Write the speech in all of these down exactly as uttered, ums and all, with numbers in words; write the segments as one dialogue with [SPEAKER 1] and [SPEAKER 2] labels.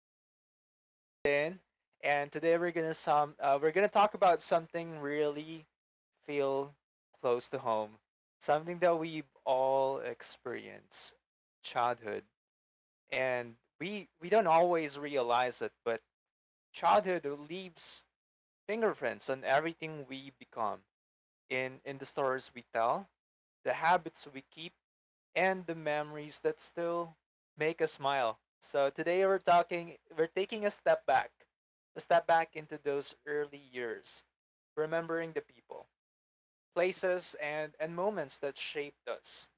[SPEAKER 1] This is your host Justin, and today we're gonna some uh, we're gonna talk about something really feel close to home, something that we all experience, childhood, and we we don't always realize it, but childhood leaves fingerprints on everything we become in in the stories we tell, the habits we keep, and the memories that still make us smile. So today we're talking we're taking a step back. A step back into those early years, remembering the people, places and and moments that shaped us.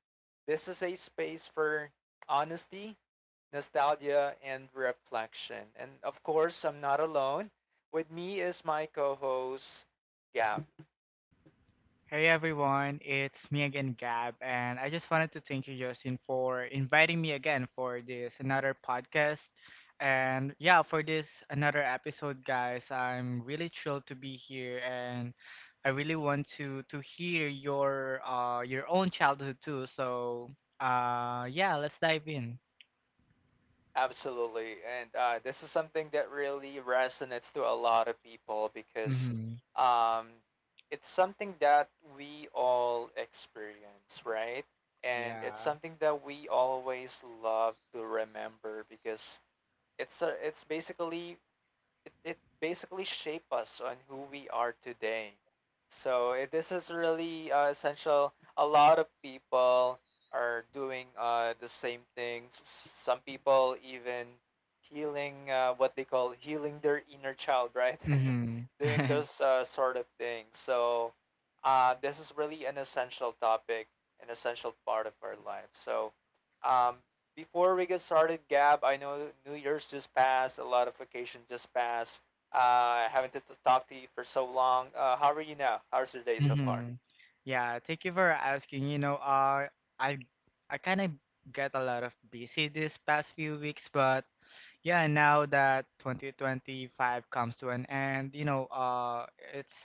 [SPEAKER 1] This is a space for honesty, nostalgia and reflection. And of course, I'm not alone. With me is my co-host Gab.
[SPEAKER 2] Hey everyone, it's me again, Gab, and I just wanted to thank you, Justin, for inviting me again for this another podcast. And yeah, for this another episode, guys, I'm really thrilled to be here, and I really want to to hear your uh your own childhood too. So uh yeah, let's dive in.
[SPEAKER 1] Absolutely. And uh, This is something that really resonates to a lot of people because
[SPEAKER 2] Mhm.
[SPEAKER 1] um, it's something that we all experience, right? And it's
[SPEAKER 2] Yeah.
[SPEAKER 1] something that we always love to remember because it's a, it's basically it, it basically shape us on who we are today. So it, this is really uh, essential. A lot of people are doing uh, the same things. Some people even healing uh, what they call healing their inner child, right?
[SPEAKER 2] Mhm.
[SPEAKER 1] doing those uh, sort of things. So uh, this is really an essential topic, an essential part of our life. So um, before we get started, Gab, I know New Year's just passed, a lot of vacation just passed. Uh, I haven't talked to you for so long. Uh, how are you now? How's your day so far?
[SPEAKER 2] Mhm. Yeah, thank you for asking. You know, uh, I I kind of get a lot of busy this past few weeks, but yeah, now that twenty twenty-five comes to an end, you know, uh, it's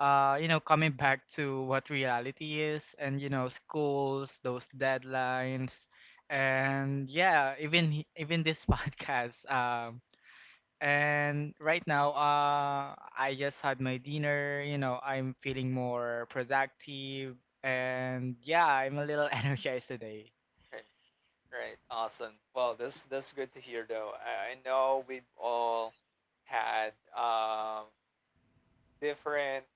[SPEAKER 2] uh, you know, coming back to what reality is, and you know, schools, those deadlines, and yeah, even he- even this podcast. Um, and right now, uh, I just had my dinner. You know, I'm feeling more productive,
[SPEAKER 1] Mm,
[SPEAKER 2] and yeah, I'm a little energized today.
[SPEAKER 1] great, great, awesome. Well, this that's good to hear, though. I, I know we've all had um, different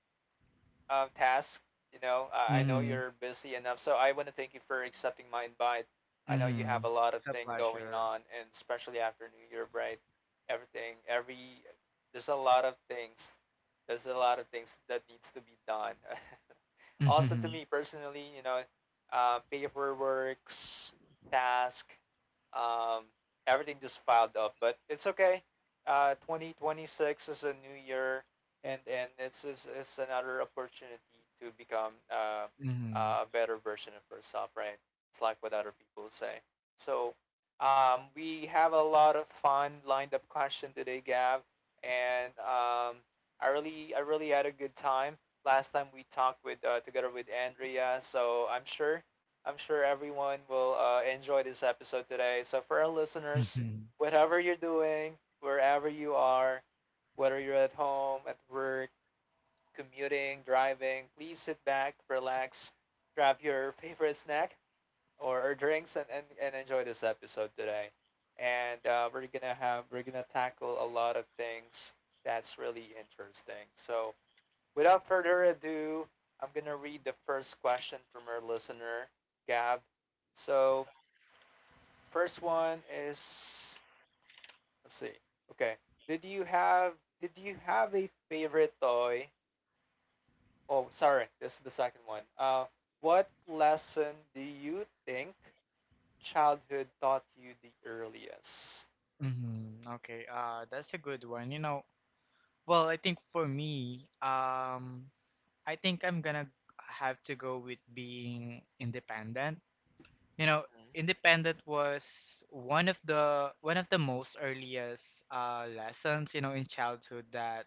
[SPEAKER 1] um, task. You know, I, I know
[SPEAKER 2] Mm-hmm.
[SPEAKER 1] you're busy enough, so I want to thank you for accepting my invite. I know you
[SPEAKER 2] Mm-hmm.
[SPEAKER 1] have a lot of
[SPEAKER 2] It's a
[SPEAKER 1] thing going
[SPEAKER 2] pleasure.
[SPEAKER 1] on, and especially after New Year break, everything, every there's a lot of things, there's a lot of things that needs to be done. Also,
[SPEAKER 2] Mm-hmm.
[SPEAKER 1] to me personally, you know, uh, paperwork, task, um, everything just filed up. But it's okay. Uh, twenty twenty six is a new year, and and it's is it's another opportunity to become uh,
[SPEAKER 2] Mm-hmm.
[SPEAKER 1] a better version of yourself. Right? It's like what other people say. So um, we have a lot of fun lined up question today, Gav, and um, I really I really had a good time last time we talked with uh, together with Andrea. So I'm sure I'm sure everyone will uh, enjoy this episode today. So for our listeners,
[SPEAKER 2] Mm-hmm.
[SPEAKER 1] whatever you're doing, wherever you are, whether you're at home, at work, commuting, driving, please sit back, relax, grab your favorite snack or, or drinks, and, and, and enjoy this episode today. And uh, we're gonna have we're gonna tackle a lot of things that's really interesting. So without further ado, I'm gonna read the first question from our listener, Gav. So first one is let's see. Okay. Did you have did you have a favorite toy? Oh sorry, this is the second one. Uh what lesson do you think childhood taught you the earliest?
[SPEAKER 2] Mm-hmm. Okay. Uh, that's a good one. You know, well, I think for me, um, I think I'm gonna have to go with being independent. You know,
[SPEAKER 1] Mm.
[SPEAKER 2] independent was one of the one of the most earliest uh, lessons, you know, in childhood that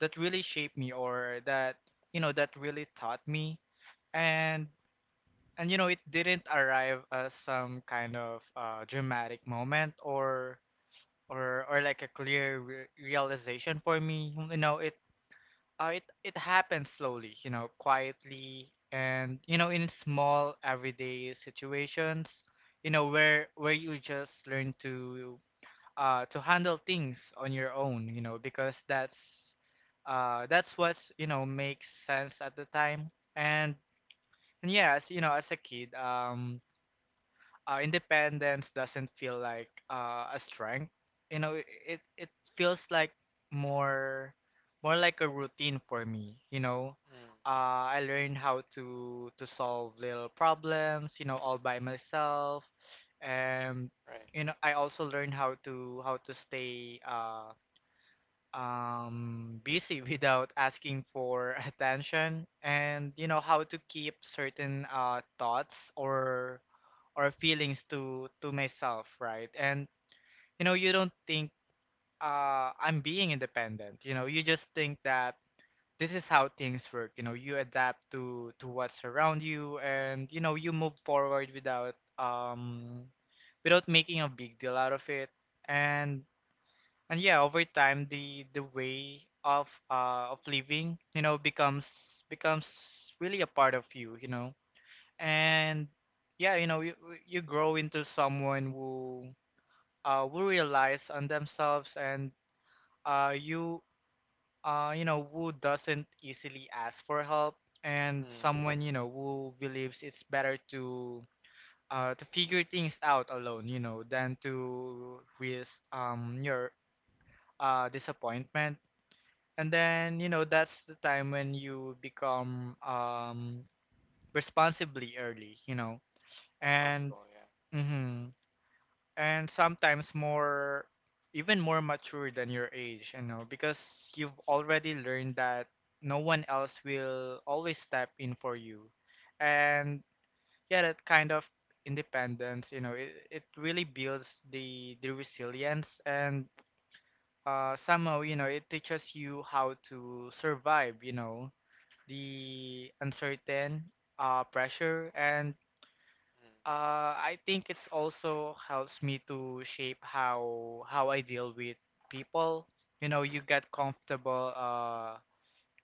[SPEAKER 2] that really shaped me, or that you know that really taught me. and and you know it didn't arrive as some kind of uh, dramatic moment, or or or like a clear re- realization for me. You know, it uh, it it happens slowly, you know, quietly, and you know, in small everyday situations, you know, where where you just learn to uh to handle things on your own, you know, because that's uh that's what's, you know, makes sense at the time, and, and yeah, as you know, as a kid, um uh, independence doesn't feel like uh, a strength. You know, it it it feels like more more like a routine for me. You know,
[SPEAKER 1] Mm,
[SPEAKER 2] uh, I learned how to to solve little problems, you know, all by myself, and
[SPEAKER 1] right.
[SPEAKER 2] you know, I also learned how to how to stay uh, um, busy without asking for attention, and you know how to keep certain uh, thoughts or or feelings to to myself, right? And you know you don't think uh I'm being independent. You know, you just think that this is how things work. You know, you adapt to to what's around you, and you know you move forward without um without making a big deal out of it. and and yeah, over time the the way of uh of living, you know, becomes becomes really a part of you, you know. And yeah, you know, you, you grow into someone who uh who relies on themselves, and uh you uh you know who doesn't easily ask for help, and
[SPEAKER 1] Mm.
[SPEAKER 2] someone, you know, who believes it's better to uh to figure things out alone, you know, than to risk um your uh disappointment. And then you know that's the time when you become um responsibly early, you know. And
[SPEAKER 1] Responsible, yeah.
[SPEAKER 2] mhm, and sometimes more even more mature than your age, you know, because you've already learned that no one else will always step in for you. And yeah, that kind of independence, you know, it, it really builds the the resilience, and uh somehow, you know, it teaches you how to survive, you know, the uncertain uh pressure. And uh, I think it's also helps me to shape how how I deal with people. You know, you get comfortable uh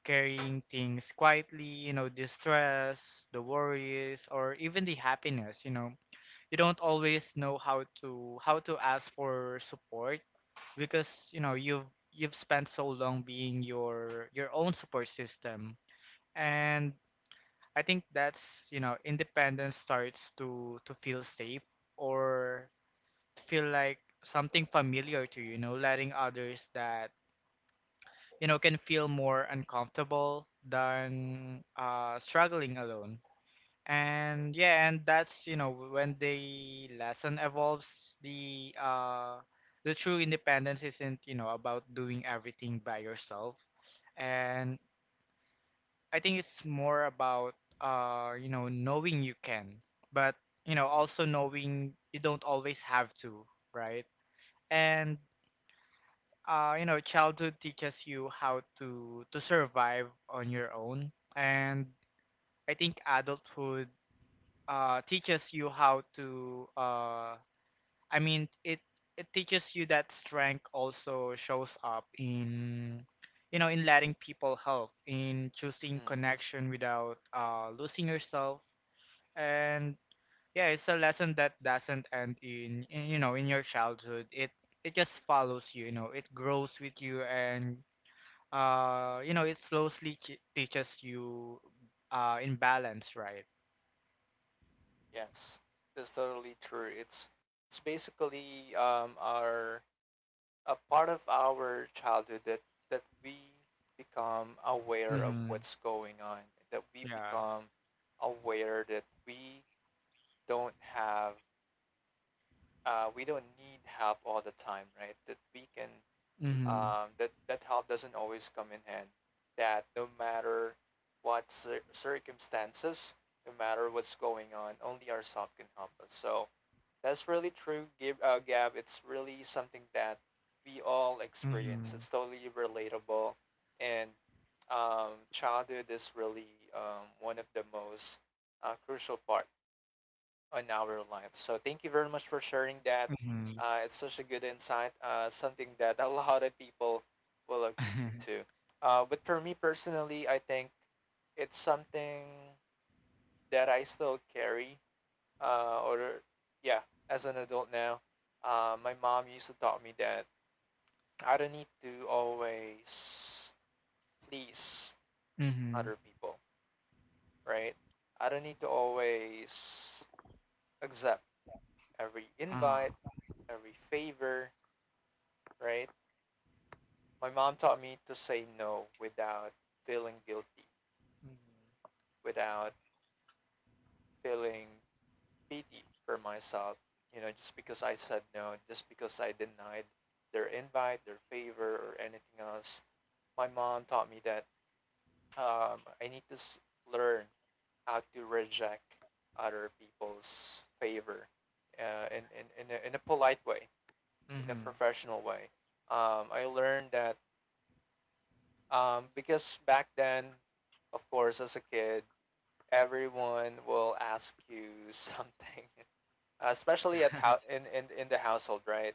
[SPEAKER 2] carrying things quietly, you know, the stress, the worries, or even the happiness, you know. You don't always know how to how to ask for support because, you know, you've you've spent so long being your your own support system. And I think that's, you know, independence starts to to feel safe, or feel like something familiar to you. You know, letting others that, you know, can feel more uncomfortable than uh struggling alone. And yeah, and that's, you know, when the lesson evolves, the uh the true independence isn't, you know, about doing everything by yourself. And I think it's more about uh you know knowing you can, but you know also knowing you don't always have to, right? And uh you know childhood teaches you how to to survive on your own, and I think adulthood uh teaches you how to uh I mean, it it teaches you that strength also shows up in you know in letting people help, in choosing
[SPEAKER 1] Mm. Mm.
[SPEAKER 2] connection without uh losing yourself, and yeah, it's a lesson that doesn't end in, in you know in your childhood. It it just follows you, you know. It grows with you, and uh you know it slowly ch- teaches you uh in balance, right?
[SPEAKER 1] Yes, that's totally true. It's it's basically um our a part of our childhood that that we become aware of
[SPEAKER 2] Mm-hmm.
[SPEAKER 1] what's going on, that we
[SPEAKER 2] Yeah.
[SPEAKER 1] become aware that we don't have uh we don't need help all the time, right? That we can
[SPEAKER 2] Mm-hmm.
[SPEAKER 1] um that that help doesn't always come in hand. That no matter what cir- circumstances, no matter what's going on, only ourselves can help us. So that's really true, Gib, uh, Gab. It's really something that we all
[SPEAKER 2] Mm-hmm.
[SPEAKER 1] experience. It's totally relatable, and um, childhood is really um, one of the most uh, crucial part on our life. So thank you very much for sharing that.
[SPEAKER 2] Mm-hmm.
[SPEAKER 1] Uh, it's such a good insight. Uh, something that a lot of people will agree to. Uh, but for me personally, I think it's something that I still carry uh, or yeah, as an adult now, uh, my mom used to taught me that I don't need to always please other people, right? I don't need to always accept every invite,
[SPEAKER 2] Uh-huh.
[SPEAKER 1] every favor, right? My mom taught me to say no without feeling guilty,
[SPEAKER 2] Mm-hmm.
[SPEAKER 1] without feeling pity for myself. You know, just because I said no, just because I denied their invite, their favor, or anything else, my mom taught me that um, I need to s- learn how to reject other people's favor uh, in, in, in, a, in a polite way, in a
[SPEAKER 2] Mm-hmm.
[SPEAKER 1] professional way. Um, I learned that um, because back then, of course, as a kid, everyone will ask you something, especially at how in, in, in the household, right?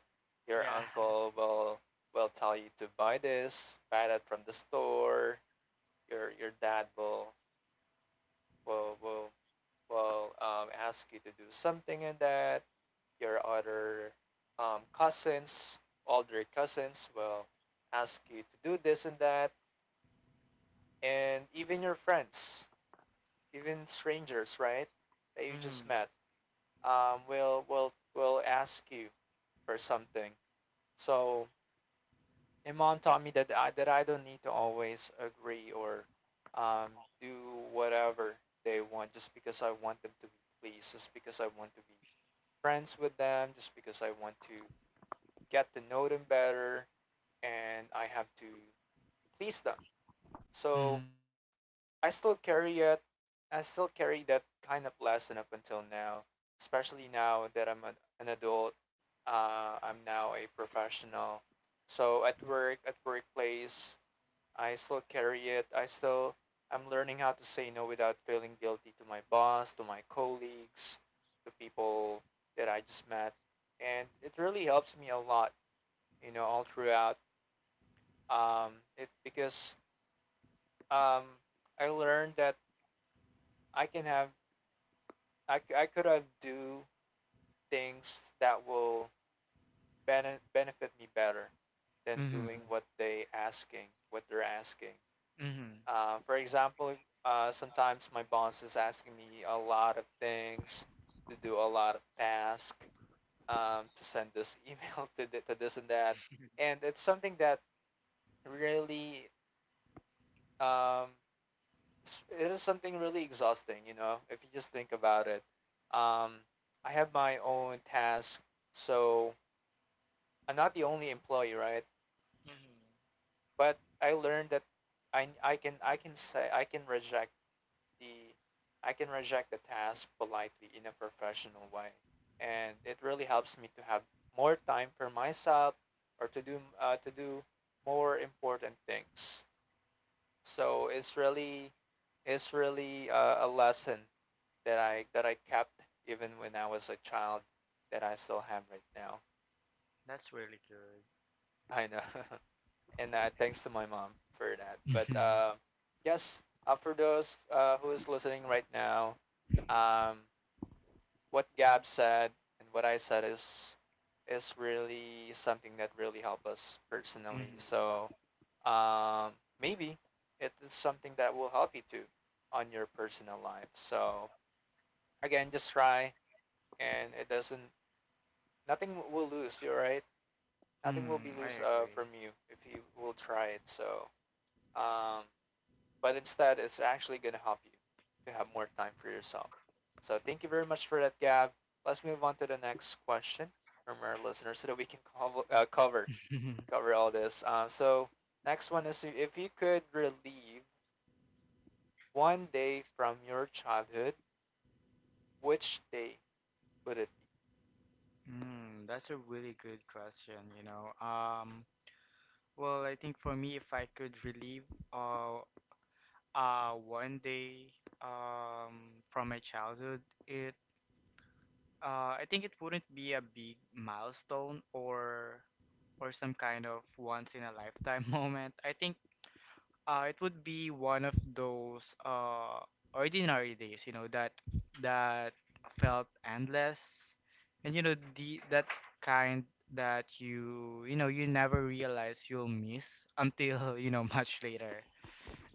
[SPEAKER 1] Your
[SPEAKER 2] Yeah.
[SPEAKER 1] uncle will will tell you to buy this, buy that from the store. Your your dad will will will will um, ask you to do something, and that your other um, cousins, older cousins will ask you to do this and that, and even your friends, even strangers, right, that you
[SPEAKER 2] Mm-hmm.
[SPEAKER 1] just met, um, will will will ask you for something. So my mom taught me that I, that I don't need to always agree or um, do whatever they want just because I want them to be pleased, just because I want to be friends with them, just because I want to get to know them better and I have to please them. So
[SPEAKER 2] Mm-hmm.
[SPEAKER 1] I still carry it. I still carry that kind of lesson up until now, especially now that I'm a, an adult. Uh, I'm now a professional. So at work, at workplace, I still carry it. I still I'm learning how to say no without feeling guilty to my boss, to my colleagues, to people that I just met, and it really helps me a lot. You know, all throughout um, it because um, I learned that I can have I, c- I could have do things that will bene- benefit me better than
[SPEAKER 2] Mm-hmm.
[SPEAKER 1] doing what they asking what they're asking.
[SPEAKER 2] Mm-hmm.
[SPEAKER 1] Uh, for example, uh, sometimes my boss is asking me a lot of things to do a lot of tasks, um, to send this email to, th- to this and that. And it's something that really, um, s- it is something really exhausting, you know, if you just think about it. Um, I have my own task, so I'm not the only employee, right?
[SPEAKER 2] Mm-hmm.
[SPEAKER 1] But I learned that I, I can I can say I can reject the I can reject the task politely in a professional way. And it really helps me to have more time for myself or to do uh, to do more important things. So it's really it's really a, a lesson that I that I kept even when I was a child that I still have right now.
[SPEAKER 2] That's really good.
[SPEAKER 1] I know, and uh, thanks to my mom for that. But
[SPEAKER 2] Mm-hmm.
[SPEAKER 1] uh, Yes, uh, for those uh, who is listening right now, um, what Gab said and what I said is is really something that really helped us personally.
[SPEAKER 2] Mm-hmm.
[SPEAKER 1] So um, maybe it is something that will help you too on your personal life. So again, just try, and it doesn't. Nothing will lose you, right? Nothing will be
[SPEAKER 2] Mm-hmm. I
[SPEAKER 1] loose uh,
[SPEAKER 2] agree.
[SPEAKER 1] from you if you will try it. So um, but instead it's actually going to help you to have more time for yourself. So thank you very much for that, Gab. Let's move on to the next question from our listeners so that we can cov- uh, cover
[SPEAKER 2] Mhm.
[SPEAKER 1] cover all this. Uh, so next one is if you could relieve one day from your childhood, which day would it
[SPEAKER 2] Mm, that's a really good question, you know. Um, well, I think for me, if I could relive uh, uh, one day um, from my childhood, it Uh, I think it wouldn't be a big milestone or or some kind of once in a lifetime moment. I think uh, it would be one of those uh, ordinary days, you know, that that felt endless, and you know the that kind that you you know you never realize you'll miss until you know much later.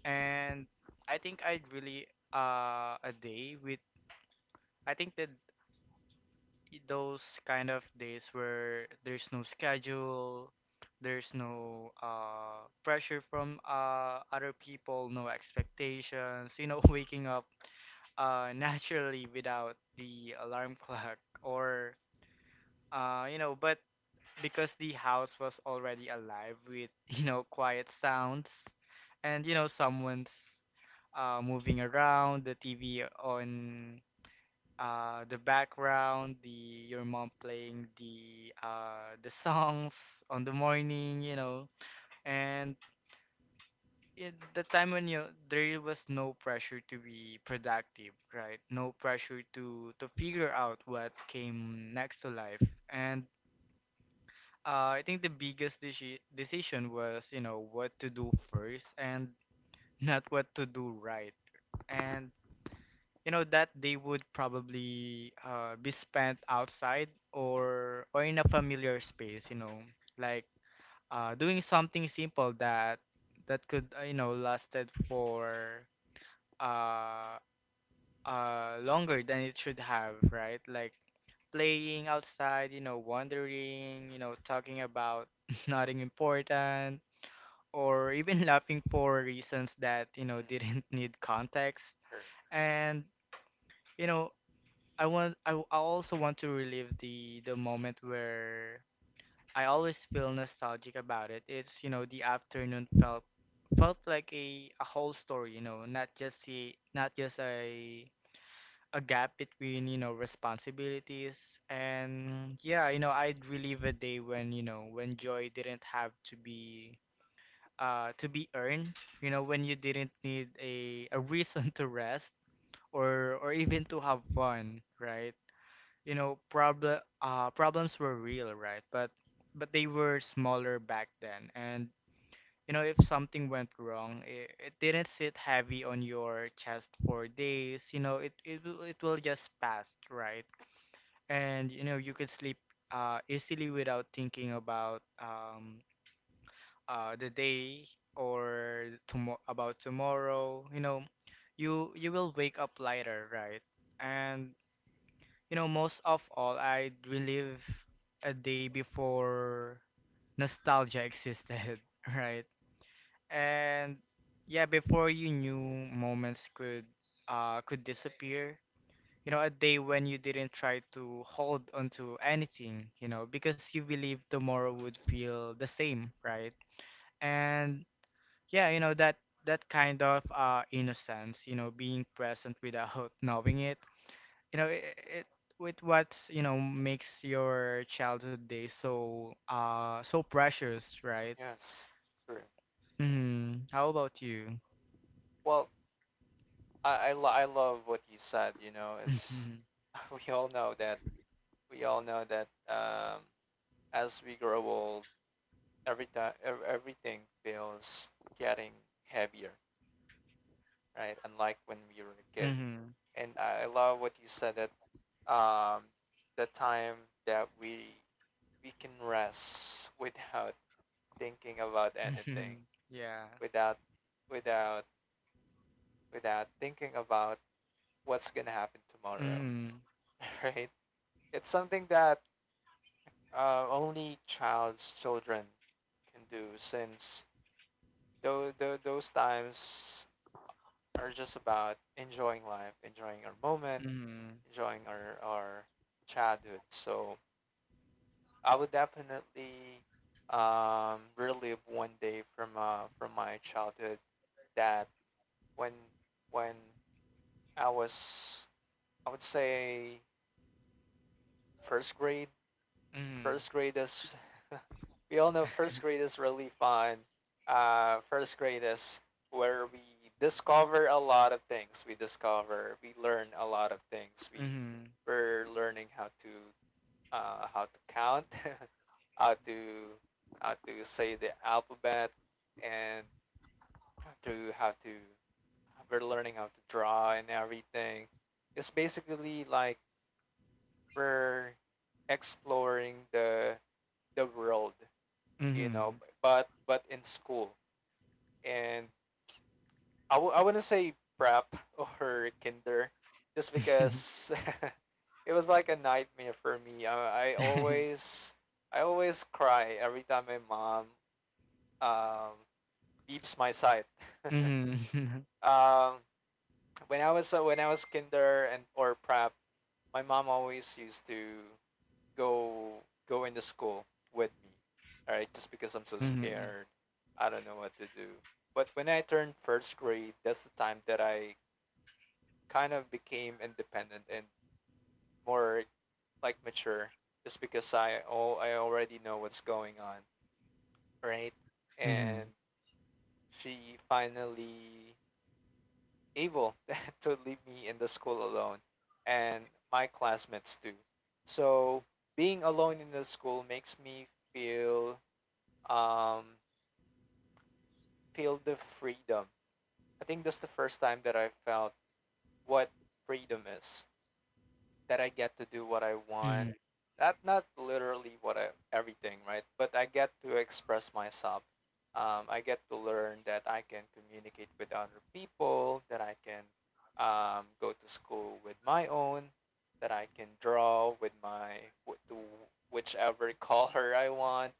[SPEAKER 2] And I think I'd really uh, a day with I think the those kind of days where there's no schedule, there's no uh, pressure from uh, other people, no expectations, you know, waking up uh, naturally without the alarm clock, or uh, you know, but because the house was already alive with, you know, quiet sounds, and you know someone's uh, moving around, the T V on uh the background, the your mom playing the uh the songs on the morning, you know. And it, the time when you there was no pressure to be productive, right? No pressure to to figure out what came next to life. And uh, I think the biggest deci- decision was you know what to do first, and not what to do, right? And you know that they would probably uh, be spent outside, or or in a familiar space, you know, like uh, doing something simple that that could uh, you know lasted for uh, uh, longer than it should have, right? Like playing outside, you know, wandering, you know, talking about nothing important, or even laughing for reasons that you know
[SPEAKER 1] be? Mm,
[SPEAKER 2] didn't need context.
[SPEAKER 1] true.
[SPEAKER 2] And you know I want I, w- I also want to relive the the moment where I always feel nostalgic about it. It's you know the afternoon felt felt like a, a whole story, you know, not just a not just a a gap between you know responsibilities. And yeah, you know I'd relive a day when you know when joy didn't have to be uh to be earned, you know when you didn't need a a reason to rest or or even to have fun, right? You know problem uh problems were real, right? but but they were smaller back then, and you know if something went wrong, it, it didn't sit heavy on your chest for days. You know it it will, it will just pass, right? And you know you could sleep uh easily without thinking about um uh the day or tomorrow about tomorrow, you know. you you will wake up lighter, right? And you know, most of all, I relive a day before nostalgia existed, right? And yeah, before you knew moments could uh could disappear. You know, a day when you didn't try to hold onto anything, you know, because you believed tomorrow would feel the same, right? And yeah, you know, that that kind of uh innocence, you know, being present without knowing it, you know it, it with what's you know makes your childhood days so uh so precious, right?
[SPEAKER 1] Yes, true.
[SPEAKER 2] Mm-hmm. How about you?
[SPEAKER 1] Well, I I, lo- I love what you said. You know, it's
[SPEAKER 2] Mm-hmm.
[SPEAKER 1] we all know that we all know that um, as we grow old, every time everything feels getting heavier, right? Unlike when we were a kid.
[SPEAKER 2] Mm-hmm.
[SPEAKER 1] And I love what you said that um the time that we we can rest without thinking about anything,
[SPEAKER 2] Yeah.
[SPEAKER 1] without without without thinking about what's gonna happen tomorrow,
[SPEAKER 2] Mm-hmm.
[SPEAKER 1] right? It's something that uh, only child's children can do, since those those times are just about enjoying life, enjoying our moment,
[SPEAKER 2] Mm-hmm.
[SPEAKER 1] enjoying our, our childhood. So I would definitely um, relive one day from uh, from my childhood that when when I was, I would say, first grade,
[SPEAKER 2] Mm-hmm.
[SPEAKER 1] first graders. We all know first grade is really fun. Uh, first grade is where we discover a lot of things. We discover, we learn a lot of things. We we're learning how to uh, how to count, how to how to say the alphabet, and how to how to we're learning how to draw and everything. It's basically like we're exploring the the world, you
[SPEAKER 2] Mm-hmm.
[SPEAKER 1] know, b- but but in school. And I w- I wouldn't say prep or kinder, just
[SPEAKER 2] Mm-hmm.
[SPEAKER 1] because it was like a nightmare for me. I, I always I always cry every time my mom um beeps my side.
[SPEAKER 2] Mm-hmm.
[SPEAKER 1] um when I was uh, when I was kinder and or prep, my mom always used to go go into school with me, all right? Just because I'm so
[SPEAKER 2] Mm-hmm.
[SPEAKER 1] scared, I don't know what to do. But when I turned first grade, that's the time that I kind of became independent and more like mature, just because I oh I already know what's going on, right? And
[SPEAKER 2] Mm-hmm.
[SPEAKER 1] she finally able to leave me in the school alone, and my classmates too. So being alone in the school makes me feel um, feel the freedom. I think that's the first time that I felt what freedom is. That I get to do what I want. That not literally what I everything, right? But I get to express myself. Um, I get to learn that I can communicate with other people. That I can um, go to school with my own. That I can draw with my with to whichever color I want.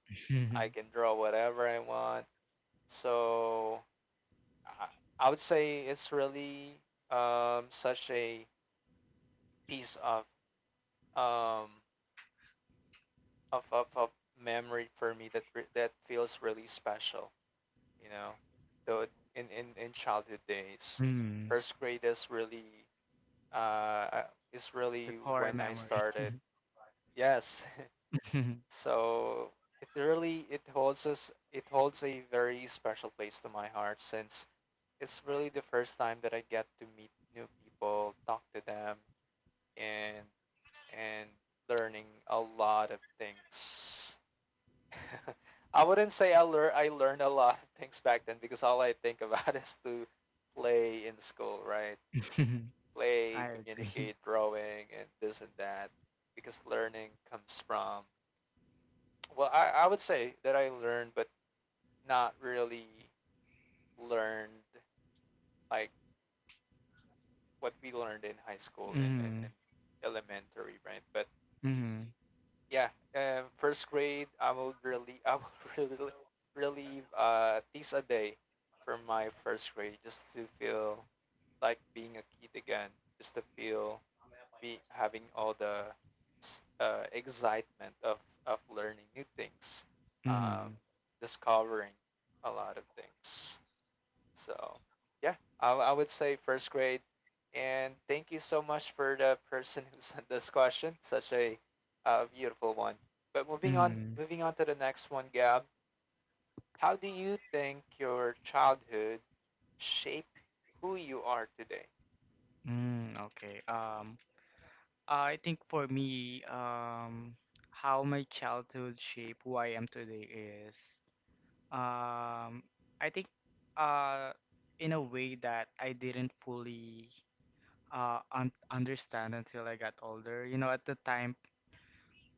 [SPEAKER 1] I
[SPEAKER 2] Mm-hmm.
[SPEAKER 1] can draw whatever I want. So I I would say it's really um such a piece of um of of, of memory for me that re- that feels really special. You know, though in in in childhood days,
[SPEAKER 2] Mm-hmm.
[SPEAKER 1] first grade is really uh is
[SPEAKER 2] The
[SPEAKER 1] really
[SPEAKER 2] core
[SPEAKER 1] when I
[SPEAKER 2] memory.
[SPEAKER 1] started. Yes,
[SPEAKER 2] Mhm.
[SPEAKER 1] so it really it holds us it holds a very special place to my heart, since it's really the first time that I get to meet new people, talk to them, and and learning a lot of things. I wouldn't say I lear I learned a lot of things back then, because all I think about is to play in school, right? Play,
[SPEAKER 2] I agree.
[SPEAKER 1] communicate, drawing, and this and that. Because learning comes from, well, I, I would say that I learned, but not really learned like what we learned in high school and, and,
[SPEAKER 2] Mm-hmm.
[SPEAKER 1] and elementary, right? But
[SPEAKER 2] Mm-hmm.
[SPEAKER 1] yeah, uh, first grade, I will really, I will really relieve uh, at least a day from my first grade, just to feel like being a kid again, just to feel be having all the s- uh, excitement of of learning new things, um, discovering a lot of things. So yeah, I, I would say first grade. And thank you so much for the person who sent this question. Such a uh, beautiful one. But moving on,
[SPEAKER 2] Mm-hmm.
[SPEAKER 1] moving on to the next one, Gab. How do you think your childhood shaped who you are today?
[SPEAKER 2] Mm, okay. Um, I think for me, um, how my childhood shaped who I am today is, um, I think, uh, in a way that I didn't fully, uh, un understand until I got older. You know, at the time,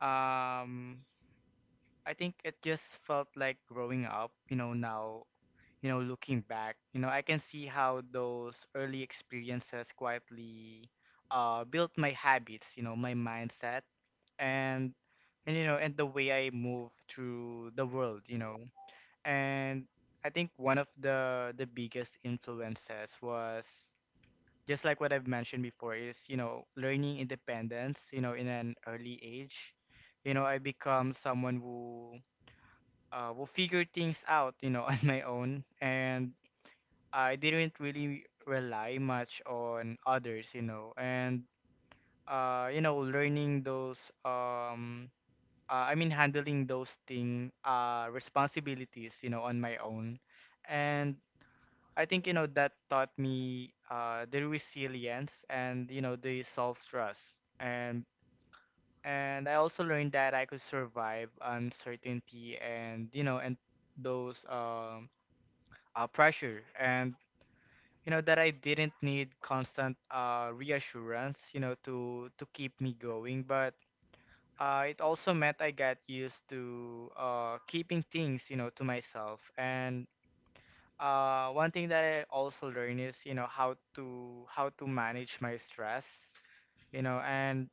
[SPEAKER 2] um, I think it just felt like growing up. You know, now you know, looking back, you know, I can see how those early experiences quietly uh, built my habits, you know, my mindset, and and you know, and the way I move through the world, you know. And I think one of the the biggest influences was just like what I've mentioned before is you know learning independence, you know, in an early age. You know, I become someone who uh, will figure things out, you know, on my own, and I didn't really rely much on others, you know. And uh, you know, learning those um, uh, I mean, handling those thing uh, responsibilities, you know, on my own. And I think, you know, that taught me uh, the resilience and, you know, the self trust. and and I also learned that I could survive uncertainty, and, you know, and those um, uh, pressure, and, you know, that I didn't need constant uh, reassurance, you know, to to keep me going. But uh, it also meant I got used to uh, keeping things, you know, to myself. And uh, one thing that I also learned is, you know, how to how to manage my stress, you know. and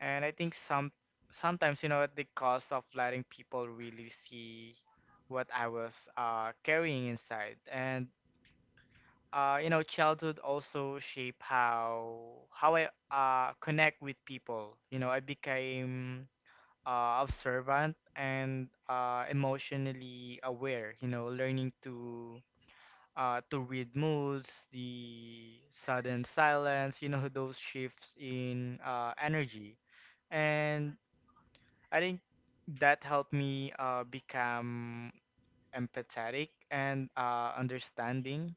[SPEAKER 2] and I think some sometimes, you know, at the cost of letting people really see what I was uh, carrying inside. And uh, you know, childhood also shape how how I uh, connect with people. You know, I became uh, observant and uh, emotionally aware, you know, learning to uh, to read moods, the sudden silence, you know, those shifts in uh, energy. And I think that helped me uh, become empathetic and uh, understanding,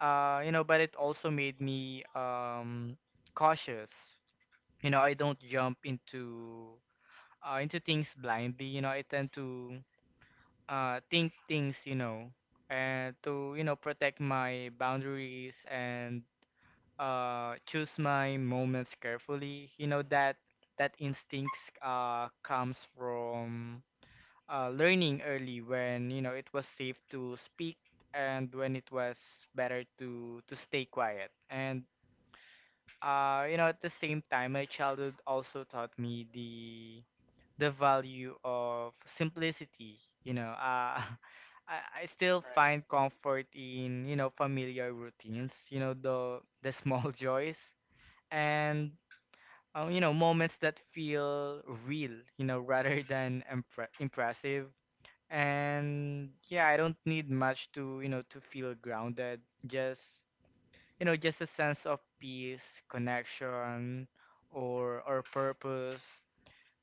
[SPEAKER 2] uh, you know. But it also made me um, cautious. You know, I don't jump into uh, into things blindly. You know, I tend to uh, think things, you know, and to, you know, protect my boundaries and uh, choose my moments carefully. You know
[SPEAKER 1] Mm,
[SPEAKER 2] that that instincts uh, comes from uh, learning early when, you know, it was safe to speak, and when it was better to to stay quiet. And uh you know, at the same time, my childhood also taught me the the value of simplicity, you know. Uh I, I still
[SPEAKER 1] right.
[SPEAKER 2] find comfort in, you know, familiar routines, you know, the the small joys, and uh, you know, moments that feel real, you know, rather than impre- impressive. And yeah, I don't need much to, you know, to feel grounded, just, you know, just a sense of peace, connection, or or purpose.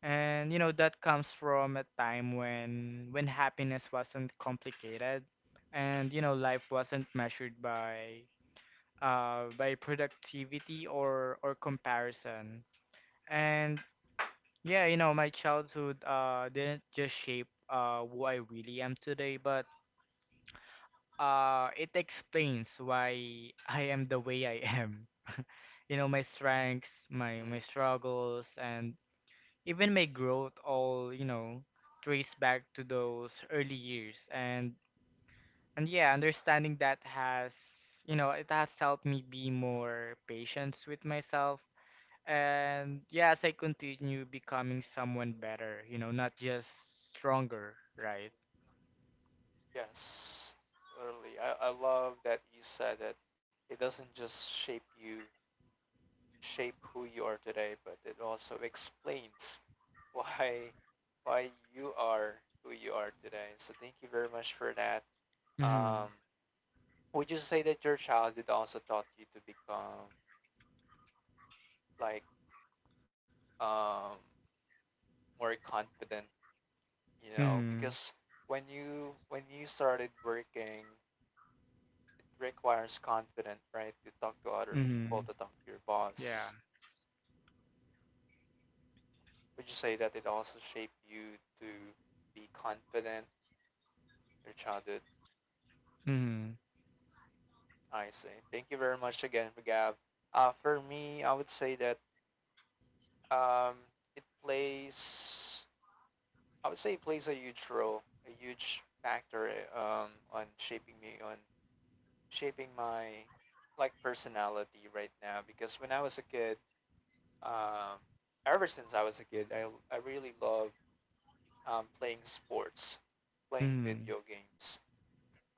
[SPEAKER 2] And you know that comes from a time when when happiness wasn't complicated, and you know life wasn't measured by uh by productivity or or comparison. And yeah, you know, my childhood uh didn't just shape uh who I really am today, but Uh, it explains why I am the way I am. You know, my strengths, my my
[SPEAKER 1] Mm.
[SPEAKER 2] struggles, and even my growth all, you know, trace back to those early years. And and yeah, understanding that has, you know, it has helped me be more patient with myself. And yeah, as I continue becoming someone better, you know, not just stronger, right?
[SPEAKER 1] Yes, totally. I, I love that you said that it doesn't just shape you, shape who you are today, but it also explains why why you are who you are today. So thank you very much for that.
[SPEAKER 2] Mm-hmm.
[SPEAKER 1] Um, would you say that your childhood also taught you to become like, um, more confident? You know,
[SPEAKER 2] Mm-hmm.
[SPEAKER 1] because when you when you started working, it requires confidence, right? To talk to other
[SPEAKER 2] Mm-hmm.
[SPEAKER 1] people, to talk to your
[SPEAKER 2] Yeah.
[SPEAKER 1] boss. Would you say that it also shaped you to be confident? Your childhood.
[SPEAKER 2] Mm-hmm.
[SPEAKER 1] I see. Thank you very much again, Gab. Uh, for me, I would say that um, it plays, I would say it plays a huge role, a huge factor uh, um, on shaping me, on shaping my like personality right now. Because when I was a kid, um, ever since I was a kid, I, I really love um, playing sports, playing
[SPEAKER 2] Mhm,
[SPEAKER 1] video games,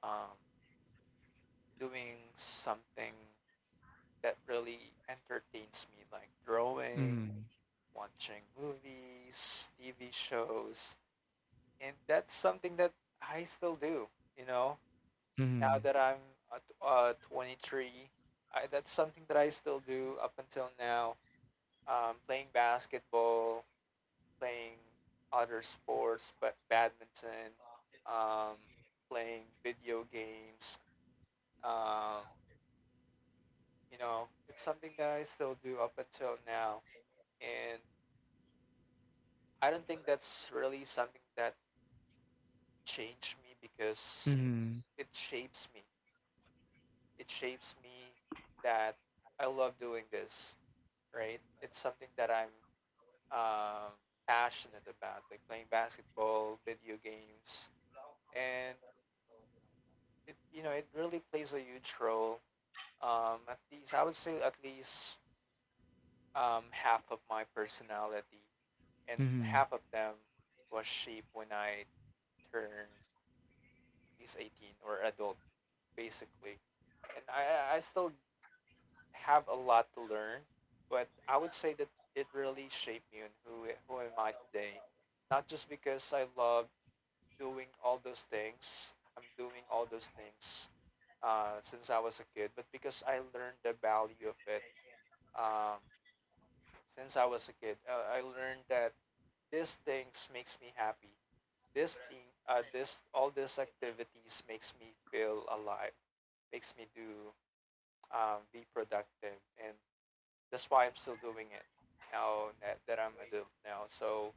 [SPEAKER 1] um, doing something that really entertains me, like drawing,
[SPEAKER 2] mhm,
[SPEAKER 1] watching movies, T V shows, and that's something that I still do. You know, now
[SPEAKER 2] mhm,
[SPEAKER 1] that I'm uh, t- uh twenty-three, I, that's something that I still do up until now. Um, playing basketball, playing other sports, but badminton, um, playing video games. Um, you know, it's something that I still do up until now, and I don't think that's really something that changed me, because
[SPEAKER 2] mhm,
[SPEAKER 1] it shapes me. It shapes me that I love doing this, right? It's something that I'm um, passionate about, like playing basketball, video games, and it, you know, it really plays a huge role. Um, at least I would say at least um, half of my personality, and
[SPEAKER 2] mhm,
[SPEAKER 1] half of them was shaped when I turned at least eighteen or adult, basically. And I I I still have a lot to learn, but I would say that it really shaped me and who who am I today. Not just because I love doing all those things, I'm doing all those things uh, since I was a kid, but because I learned the value of it um, since I was a kid. Uh, I learned that these things makes me happy. This thing, uh, this all these activities makes me feel alive, makes me do um, be productive, and that's why I'm still doing it now that, that I'm adult now. So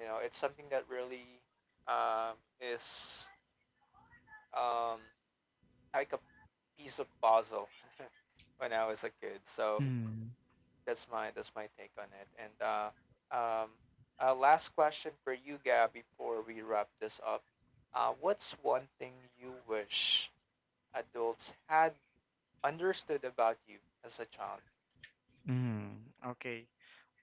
[SPEAKER 1] you know, it's something that really um, is um, like a piece of puzzle when I was a kid. So
[SPEAKER 2] mhm,
[SPEAKER 1] that's my that's my take on it. And uh, um, uh, last question for you, Gab, before we wrap this up. Uh, what's one thing you wish adults had understood about you as a child?
[SPEAKER 2] mhm. Okay.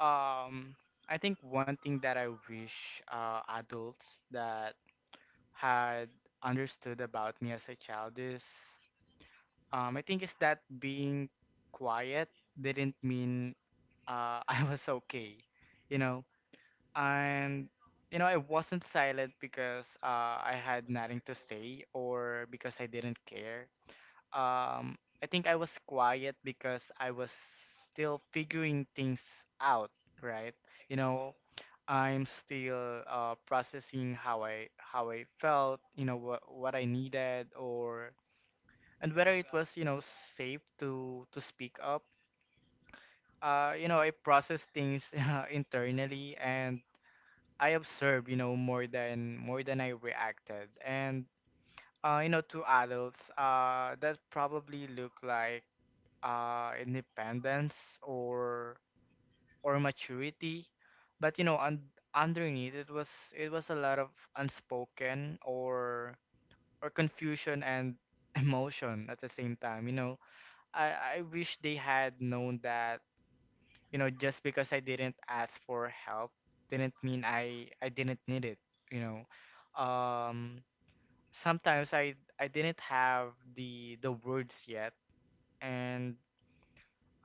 [SPEAKER 2] Um, I think one thing that I wish uh, adults that had understood about me as a child is, um, I think is that being quiet didn't mean, uh, I was okay, you know. And you know, I wasn't silent because uh, I had nothing to say, or because I didn't care. um I think I was quiet because I was still figuring things out, right? You know, I'm still uh, processing how I how I felt, you know, what what I needed, or and whether it was, you know, safe to to speak up. Uh, you know, I process things uh, internally, and I observe, you know, more than more than I reacted. And uh, you know, to adults, uh, that probably look like uh, independence or or maturity. But you know, un- underneath it was, it was a lot of unspoken or or confusion and emotion at the same time. You know, I I wish they had known that, you know, just because I didn't ask for help didn't mean I I didn't need it. You know, um, sometimes I I didn't have the the words yet. And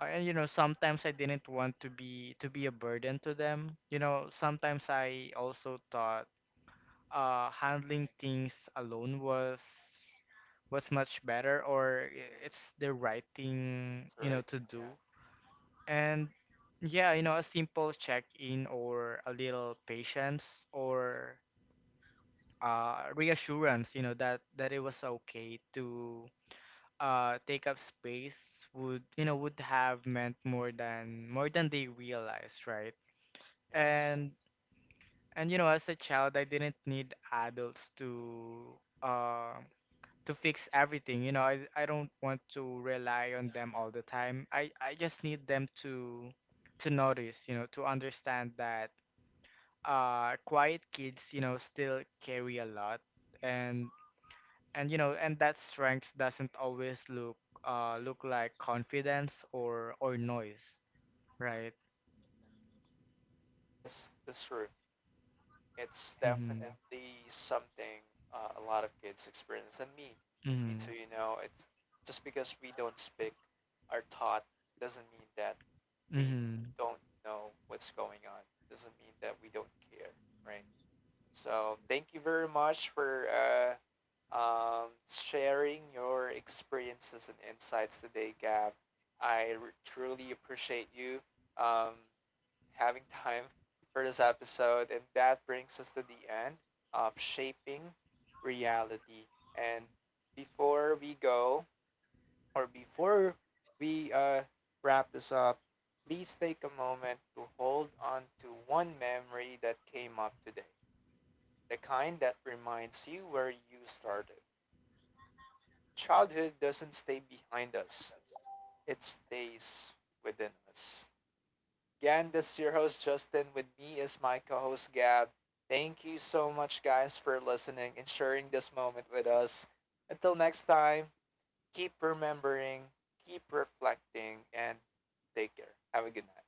[SPEAKER 2] Uh, and you know, sometimes I didn't want to be to be a burden to them. You know, sometimes I also thought uh handling things alone was was much better, or i-
[SPEAKER 1] Mm,
[SPEAKER 2] it's the right thing,
[SPEAKER 1] that's
[SPEAKER 2] you know,
[SPEAKER 1] right.
[SPEAKER 2] to
[SPEAKER 1] Yeah.
[SPEAKER 2] do. And yeah, you know, a simple check-in or a little patience or uh reassurance, you know, that that it was okay to uh take up space would, you know, would have meant more than, more than they realized, right?
[SPEAKER 1] Yes.
[SPEAKER 2] and and you know, as a child, I didn't need adults to uh to fix everything. You know, i, I don't want to rely on them all the time. I i just need them to to notice, you know, to understand that uh quiet kids, you know, still carry a lot. and and you know, and that strength doesn't always look uh look like confidence or or noise, right?
[SPEAKER 1] That's that's true. It's
[SPEAKER 2] Mhm.
[SPEAKER 1] definitely something uh, a lot of kids experience, and me me too,
[SPEAKER 2] Mhm.
[SPEAKER 1] you know. It's just because we don't speak our thought doesn't mean that we
[SPEAKER 2] Mhm.
[SPEAKER 1] don't know what's going on, doesn't mean that we don't care, right? So thank you very much for uh, um, sharing your experiences and insights today, Gab. i r- truly appreciate you um, having time for this episode. And that brings us to the end of Shaping Reality. And before we go, or before we uh, wrap this up, please take a moment to hold on to one memory that came up today, the kind that reminds you where you started. Childhood doesn't stay behind us, it stays within us. Again, this is your host Justin. With me is my co-host Gab. Thank you so much, guys, for listening and sharing this moment with us. Until next time, keep remembering, keep reflecting, and take care. Have a good night.